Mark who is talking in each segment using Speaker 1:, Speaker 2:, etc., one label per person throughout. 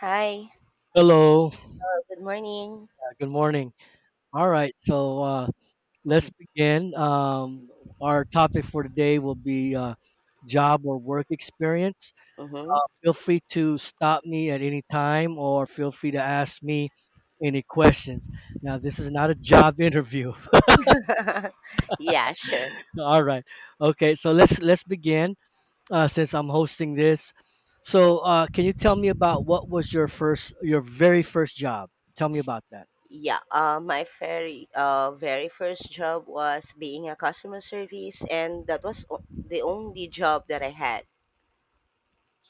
Speaker 1: Hi,
Speaker 2: Hello.
Speaker 1: good morning.
Speaker 2: Good morning. All right. Let's begin. Our topic for today will be job or work experience.
Speaker 1: Mm-hmm.
Speaker 2: Feel free to stop me at any time or feel free to ask me any questions. Now, this is not a job interview.
Speaker 1: Yeah, sure.
Speaker 2: All right. Okay. So let's begin since I'm hosting this. So can you tell me about what was your first, your very first job? Tell me about that.
Speaker 1: Yeah, my very first job was being a customer service, and that was the only job that I had.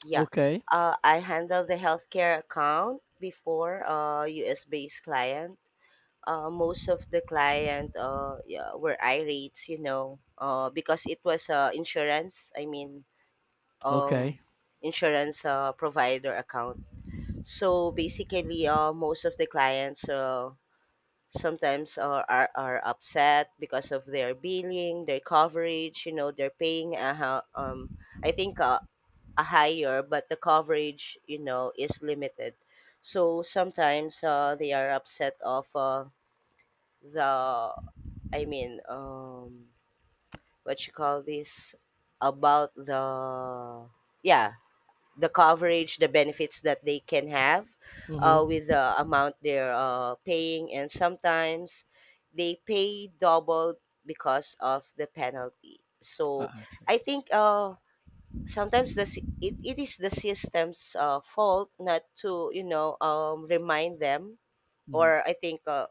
Speaker 1: Yeah,
Speaker 2: Okay.
Speaker 1: I handled the healthcare account before US based client. Most of the client yeah, were irates, you know, because it was insurance. Um,
Speaker 2: Okay.
Speaker 1: Insurance provider account. So basically, most of the clients sometimes are upset because of their billing, their coverage, you know, they're paying, a, ho- I think, a higher, but the coverage, you know, is limited. So sometimes they are upset of the, I mean, um, what you call this, about yeah, the coverage, the benefits that they can have
Speaker 2: Mm-hmm.
Speaker 1: with the amount they're paying, and sometimes they pay double because of the penalty.
Speaker 2: Uh,
Speaker 1: So I think sometimes it is the system's fault not to, you know, remind them, or I think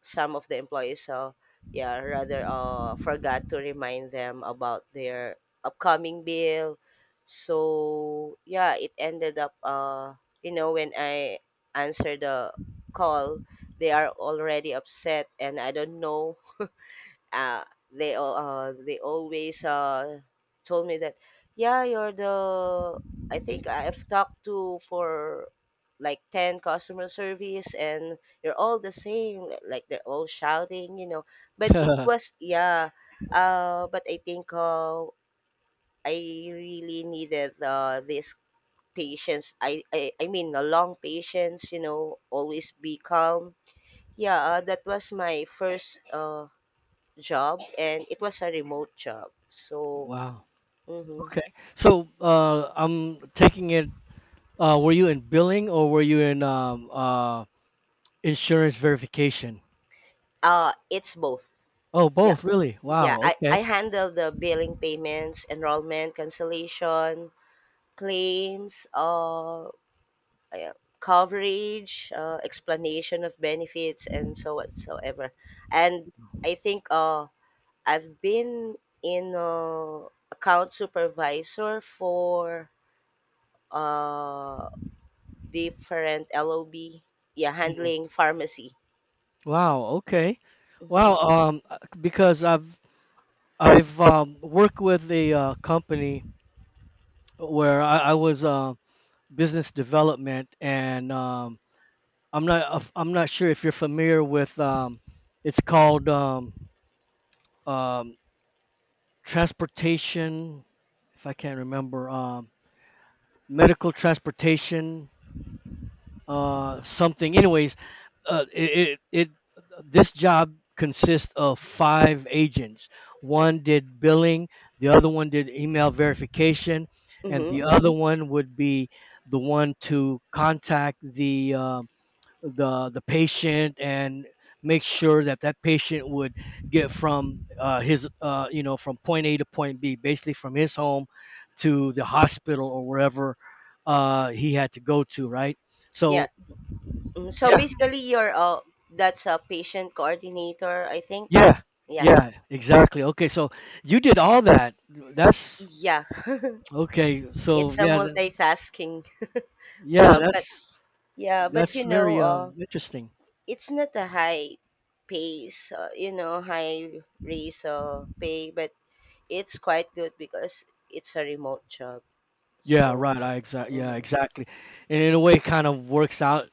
Speaker 1: some of the employees, so yeah, rather forgot to remind them about their upcoming bill, so yeah, it ended up, you know, when I answer the call they are already upset and I don't know. uh, they always told me that, yeah, you're the, I think I've talked to for like 10 customer service and you're all the same, like they're all shouting, you know. But it was, yeah, but I think I really needed this patience. I mean a long patience, you know, always be calm. Yeah, that was my first job, and it was a remote job. So,
Speaker 2: Wow.
Speaker 1: mhm.
Speaker 2: Okay. So, I'm taking it, were you in billing or were you in insurance verification?
Speaker 1: It's both.
Speaker 2: Oh,
Speaker 1: Yeah.
Speaker 2: both, really?
Speaker 1: Yeah,
Speaker 2: Wow. Okay.
Speaker 1: I handle the billing payments, enrollment, cancellation, claims, yeah, coverage, explanation of benefits, and so whatsoever. And I think I've been in account supervisor for uh, different LOB, yeah,
Speaker 2: Mm,
Speaker 1: handling pharmacy.
Speaker 2: Wow. Okay. Wow.
Speaker 1: Mm-hmm.
Speaker 2: Because I've worked with a company where I was business development, and I'm not sure if you're familiar with it's called um, transportation, if I can't remember, medical transportation, something. Anyways, it, it it this job consists of five agents. One did billing, the other one did email verification, and the
Speaker 1: Mm-hmm.
Speaker 2: other one would be the one to contact the the patient and make sure that that patient would get from his you know from point A to point B, basically from his home to the hospital or wherever he had to go to, right?
Speaker 1: Yeah.
Speaker 2: So
Speaker 1: Mhm. So
Speaker 2: yeah,
Speaker 1: basically, you're that's a patient coordinator, I think.
Speaker 2: yeah,
Speaker 1: Yeah.
Speaker 2: yeah, exactly. Okay, so you did all that. That's
Speaker 1: Yeah.
Speaker 2: okay.
Speaker 1: It's a multitasking
Speaker 2: Yeah,
Speaker 1: job, but
Speaker 2: that's
Speaker 1: yeah, but
Speaker 2: that's
Speaker 1: you know,
Speaker 2: very interesting.
Speaker 1: it's not a high pace, you know, high raise pay, but it's quite good because it's a remote job.
Speaker 2: Yeah,
Speaker 1: So.
Speaker 2: right. I exact. Yeah,
Speaker 1: Mm-hmm.
Speaker 2: exactly. And in a way, it kind of works out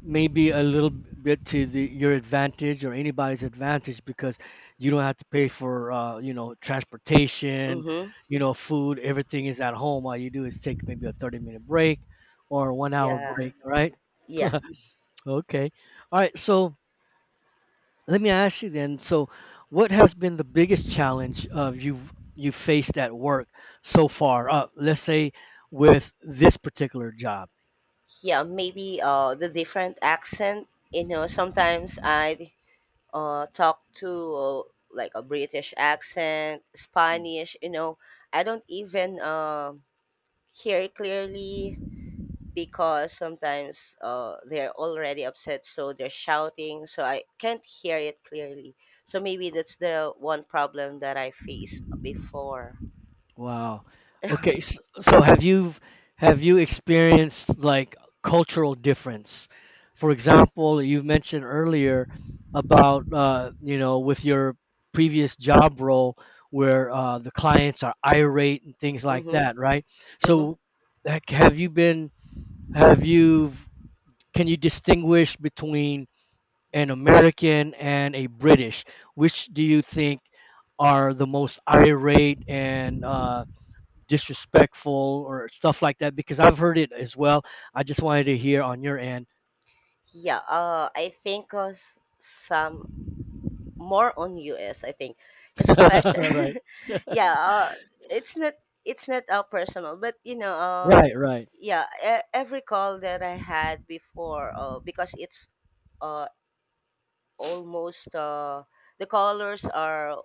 Speaker 2: maybe a little bit to the, your advantage or anybody's advantage because you don't have to pay for you know transportation,
Speaker 1: Mm-hmm.
Speaker 2: you know food. Everything is at home. All you do is take maybe a 30 minute break or a 1 hour
Speaker 1: Yeah.
Speaker 2: break, right?
Speaker 1: Yeah.
Speaker 2: Okay, all right. So let me ask you then. So, what has been the biggest challenge of you faced at work so far? Let's say with this particular job.
Speaker 1: Yeah. Maybe the different accent. You know, sometimes I talk to, like, a British accent, Spanish, you know. I don't even hear clearly because sometimes they're already upset, so they're shouting, so I can't hear it clearly. So maybe that's the one problem that I faced before.
Speaker 2: Wow. Okay, so have you experienced like cultural difference? For example, you mentioned earlier about you know with your previous job role where the clients are irate and things like
Speaker 1: Mm-hmm.
Speaker 2: that, right?
Speaker 1: Mm-hmm.
Speaker 2: So like, have you can you distinguish between an American and a British? Which do you think are the most irate and disrespectful or stuff like that because I've heard it as well. I just wanted to hear on your end.
Speaker 1: Yeah. I think some more on US, I think. Especially,
Speaker 2: Right.
Speaker 1: yeah, it's not it's not personal, but you know,
Speaker 2: Right. Right.
Speaker 1: yeah, every call that I had before, because it's uh, almost the colors are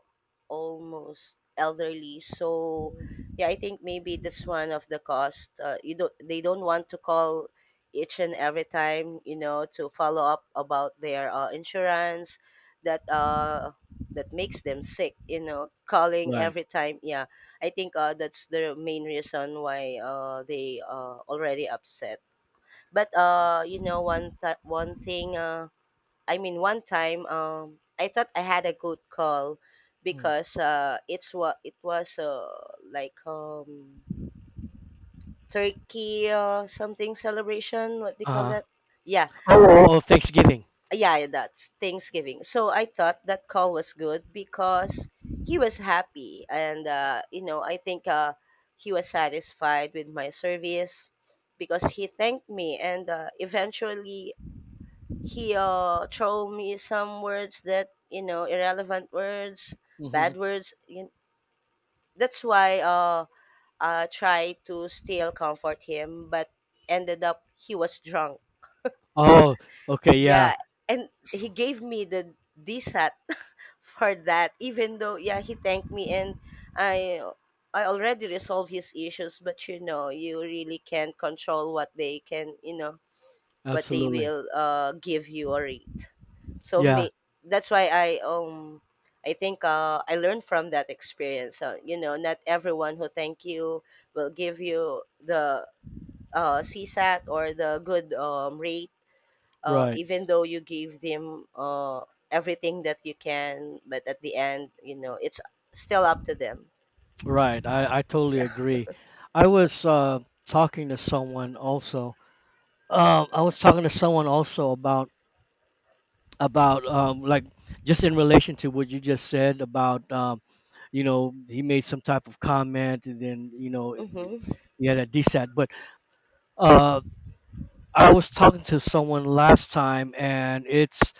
Speaker 1: almost elderly, so yeah, I think maybe that's one of the cost. You don't, they don't want to call each and every time, you know, to follow up about their insurance, that that makes them sick, you know, calling
Speaker 2: Right.
Speaker 1: every time. Yeah, I think that's the main reason why they already upset, but you know, one thing, one time, I thought I had a good call
Speaker 2: Mm.
Speaker 1: because it was like, turkey something celebration. What they
Speaker 2: Uh
Speaker 1: call
Speaker 2: huh.
Speaker 1: that? Yeah,
Speaker 2: Oh, oh, oh, Thanksgiving.
Speaker 1: yeah, that's Thanksgiving. So I thought that call was good because he was happy, and you know, I think he was satisfied with my service because he thanked me, and eventually he throw me some words, that, you know, irrelevant words,
Speaker 2: Hmm.
Speaker 1: bad words, you, that's why I tried to still comfort him, but ended up he was drunk.
Speaker 2: Oh, okay. Yeah.
Speaker 1: Yeah, and he gave me the dsat for that, even though, yeah, he thanked me and i I already resolved his issues. But you know, you really can't control what they can, you know, what they
Speaker 2: Absolutely.
Speaker 1: will give you or read. So
Speaker 2: Yeah.
Speaker 1: may, that's why I think I learned from that experience, so you know, not everyone who thank you will give you the csat, or the good rate,
Speaker 2: Right.
Speaker 1: even though you give them everything that you can, but at the end, you know, it's still up to them.
Speaker 2: Right. I totally agree. I was uh talking to someone also. I was talking to someone also about just in relation to what you just said about you know he made some type of comment and then you know
Speaker 1: Mm-hmm.
Speaker 2: he had a desat but uh, I was talking to someone last time and it's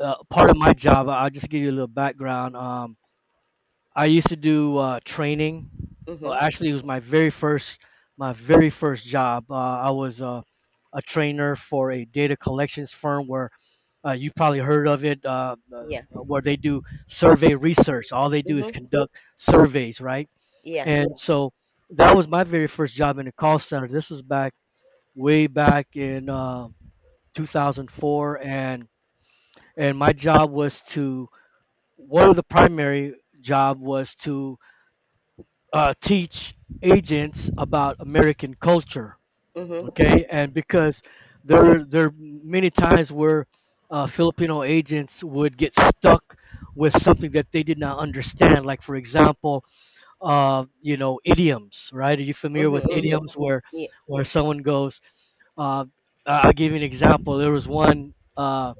Speaker 2: part of my job. I'll just give you a little background. I used to do training. Well,
Speaker 1: Mm-hmm.
Speaker 2: actually, it was my very first job. I was a trainer for a data collections firm where you probably heard of it,
Speaker 1: Yeah.
Speaker 2: where they do survey research. All they do is
Speaker 1: Mm-hmm.
Speaker 2: conduct surveys, right?
Speaker 1: Yeah.
Speaker 2: And so that was my very first job in a call center. This was back way back in 2004, and my job was to one of the primary job was to teach agents about American culture.
Speaker 1: Mm-hmm.
Speaker 2: Okay, and because there are many times where Filipino agents would get stuck with something that they did not understand. Like for example, you know, idioms. Right? Are you familiar
Speaker 1: Mm-hmm.
Speaker 2: with
Speaker 1: Mm-hmm.
Speaker 2: idioms
Speaker 1: Yeah.
Speaker 2: where someone goes? Uh, I'll give you an example. There was one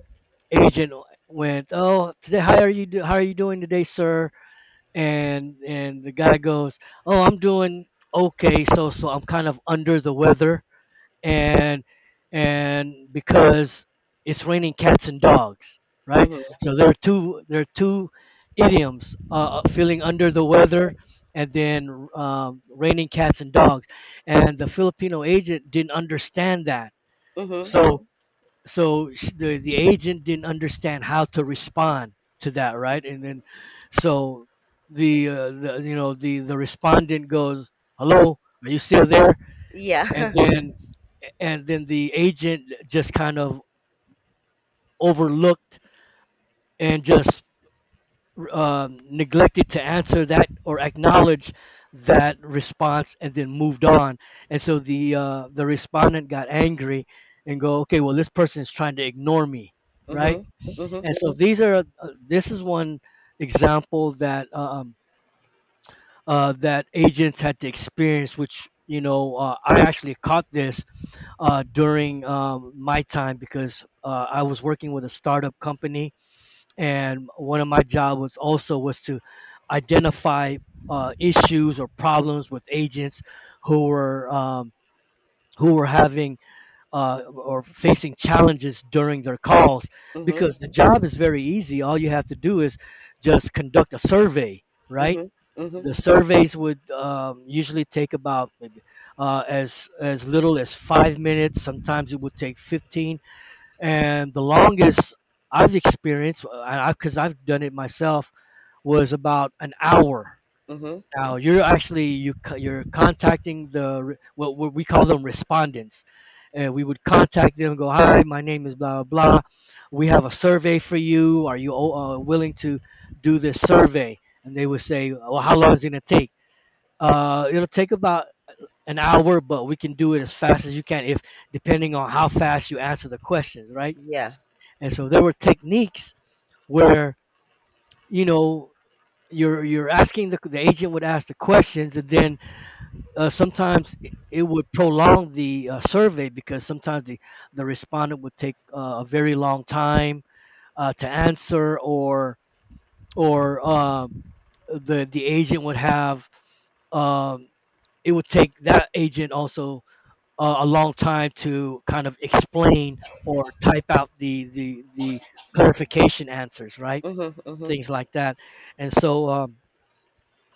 Speaker 2: agent went, "Oh, today, how are you? How are you doing today, sir?" And the guy goes, "Oh, I'm doing okay, so so I'm kind of under the weather, and and because it's raining cats and dogs, right?
Speaker 1: Mm-hmm.
Speaker 2: So there are two idioms: feeling under the weather, and then raining cats and dogs. And the Filipino agent didn't understand that,
Speaker 1: Mm-hmm.
Speaker 2: so the agent didn't understand how to respond to that right and then so the you know the respondent goes hello, are you still there? And
Speaker 1: Yeah.
Speaker 2: then and then the agent just kind of overlooked and just neglected to answer that or acknowledge that response and then moved on, and so the respondent got angry and go, okay, well, this person is trying to ignore me, right.
Speaker 1: Mm-hmm. Mm-hmm.
Speaker 2: And so these are this is one example that that agents had to experience, which you know I actually caught this during my time because I was working with a startup company, and one of my job was also was to identify issues or problems with agents who were um, who were having or facing challenges during their calls
Speaker 1: Mm-hmm.
Speaker 2: because the job is very easy. All you have to do is just conduct a survey, right?
Speaker 1: Mm-hmm. Mm-hmm.
Speaker 2: The surveys would usually take about maybe as little as 5 minutes. Sometimes it would take 15, and the longest I've experienced, because I've done it myself, was about an hour.
Speaker 1: Mm-hmm.
Speaker 2: Now you're actually you're contacting what we call them respondents, and we would contact them, go, hi, my name is blah blah blah, we have a survey for you, are you willing to do this survey? And they would say, well, how long is it going to take? Uh, it'll take about an hour, but we can do it as fast as you can if depending on how fast you answer the questions, right?
Speaker 1: Yeah.
Speaker 2: And so there were techniques where you know you're asking the agent would ask the questions and then sometimes it would prolong the survey because sometimes the respondent would take a very long time to answer or the agent would have um, it would take that agent also a long time to kind of explain or type out the clarification answers, right?
Speaker 1: Mhm, mhm.
Speaker 2: Things like that. And so um,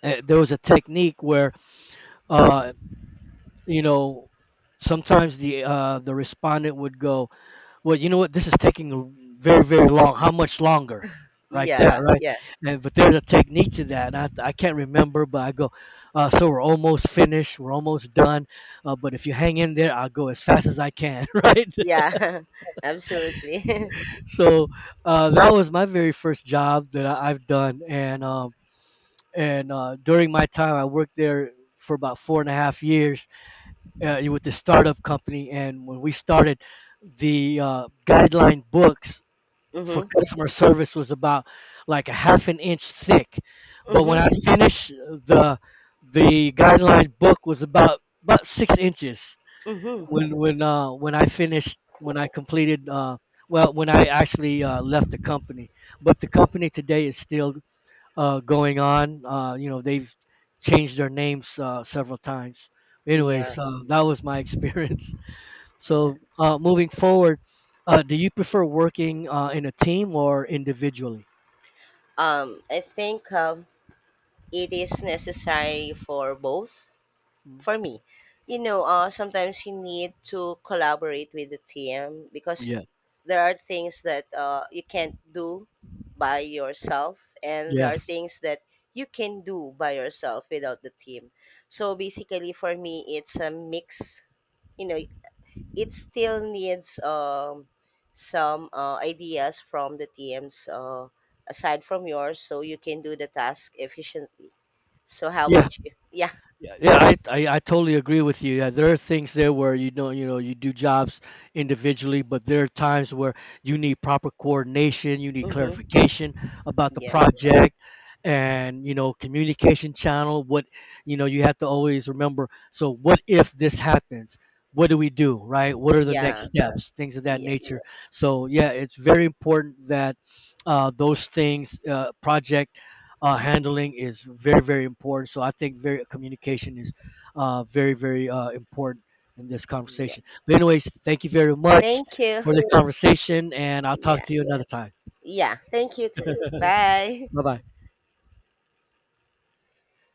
Speaker 2: eh, there was a technique where uh, you know sometimes the respondent would go, well, you know what, this is taking very very long, how much longer, right? That
Speaker 1: Yeah,
Speaker 2: right.
Speaker 1: yeah,
Speaker 2: And but there's a technique to that, and I can't remember but I go, uh, so we're almost finished, we're almost done, but if you hang in there, I'll go as fast as I can. Right.
Speaker 1: yeah. Absolutely.
Speaker 2: So that was my very first job that I've done, and during my time I worked there for about four and a half years with the startup company. And when we started, the guideline books for
Speaker 1: Mhm,
Speaker 2: customer service was about like a half an inch thick. But when
Speaker 1: mhm,
Speaker 2: I finished, the guideline book was about 6 inches.
Speaker 1: mhm.
Speaker 2: When I completed, when I actually left the company. But the company today is still going on. You know, they've changed their names several times. Anyways,
Speaker 1: Yeah,
Speaker 2: that was my experience.
Speaker 1: yeah.
Speaker 2: So, moving forward, do you prefer working in a team or individually?
Speaker 1: I think it is necessary for both
Speaker 2: Mm.
Speaker 1: for me, you know. Sometimes you need to collaborate with the team because
Speaker 2: Yeah.
Speaker 1: there are things that you can't do by yourself, and there are
Speaker 2: Yes.
Speaker 1: things that you can do by yourself without the team. So basically, for me, it's a mix. You know, it still needs some ideas from the teams, aside from yours, so you can do the task efficiently. So how
Speaker 2: Yeah.
Speaker 1: about you? Yeah.
Speaker 2: Yeah, yeah, I totally agree with you. Yeah, there are things there where you know, you know, you do jobs individually, but there are times where you need proper coordination, you need
Speaker 1: Mm-hmm.
Speaker 2: clarification about the
Speaker 1: Yeah.
Speaker 2: project and, you know, communication channel, what, you know, you have to always remember, so what if this happens? What do we do, right? What are the next
Speaker 1: Yeah.
Speaker 2: steps? Things of that
Speaker 1: Yeah.
Speaker 2: nature. So, yeah, it's very important that those things, project handling is very very important. So I think very communication is very very important in this
Speaker 1: Yeah.
Speaker 2: conversation. But anyways, thank you very much
Speaker 1: Thank you.
Speaker 2: for the conversation, and I'll talk
Speaker 1: Yeah.
Speaker 2: to you another time.
Speaker 1: Yeah. Thank you too. Bye.
Speaker 2: Bye bye.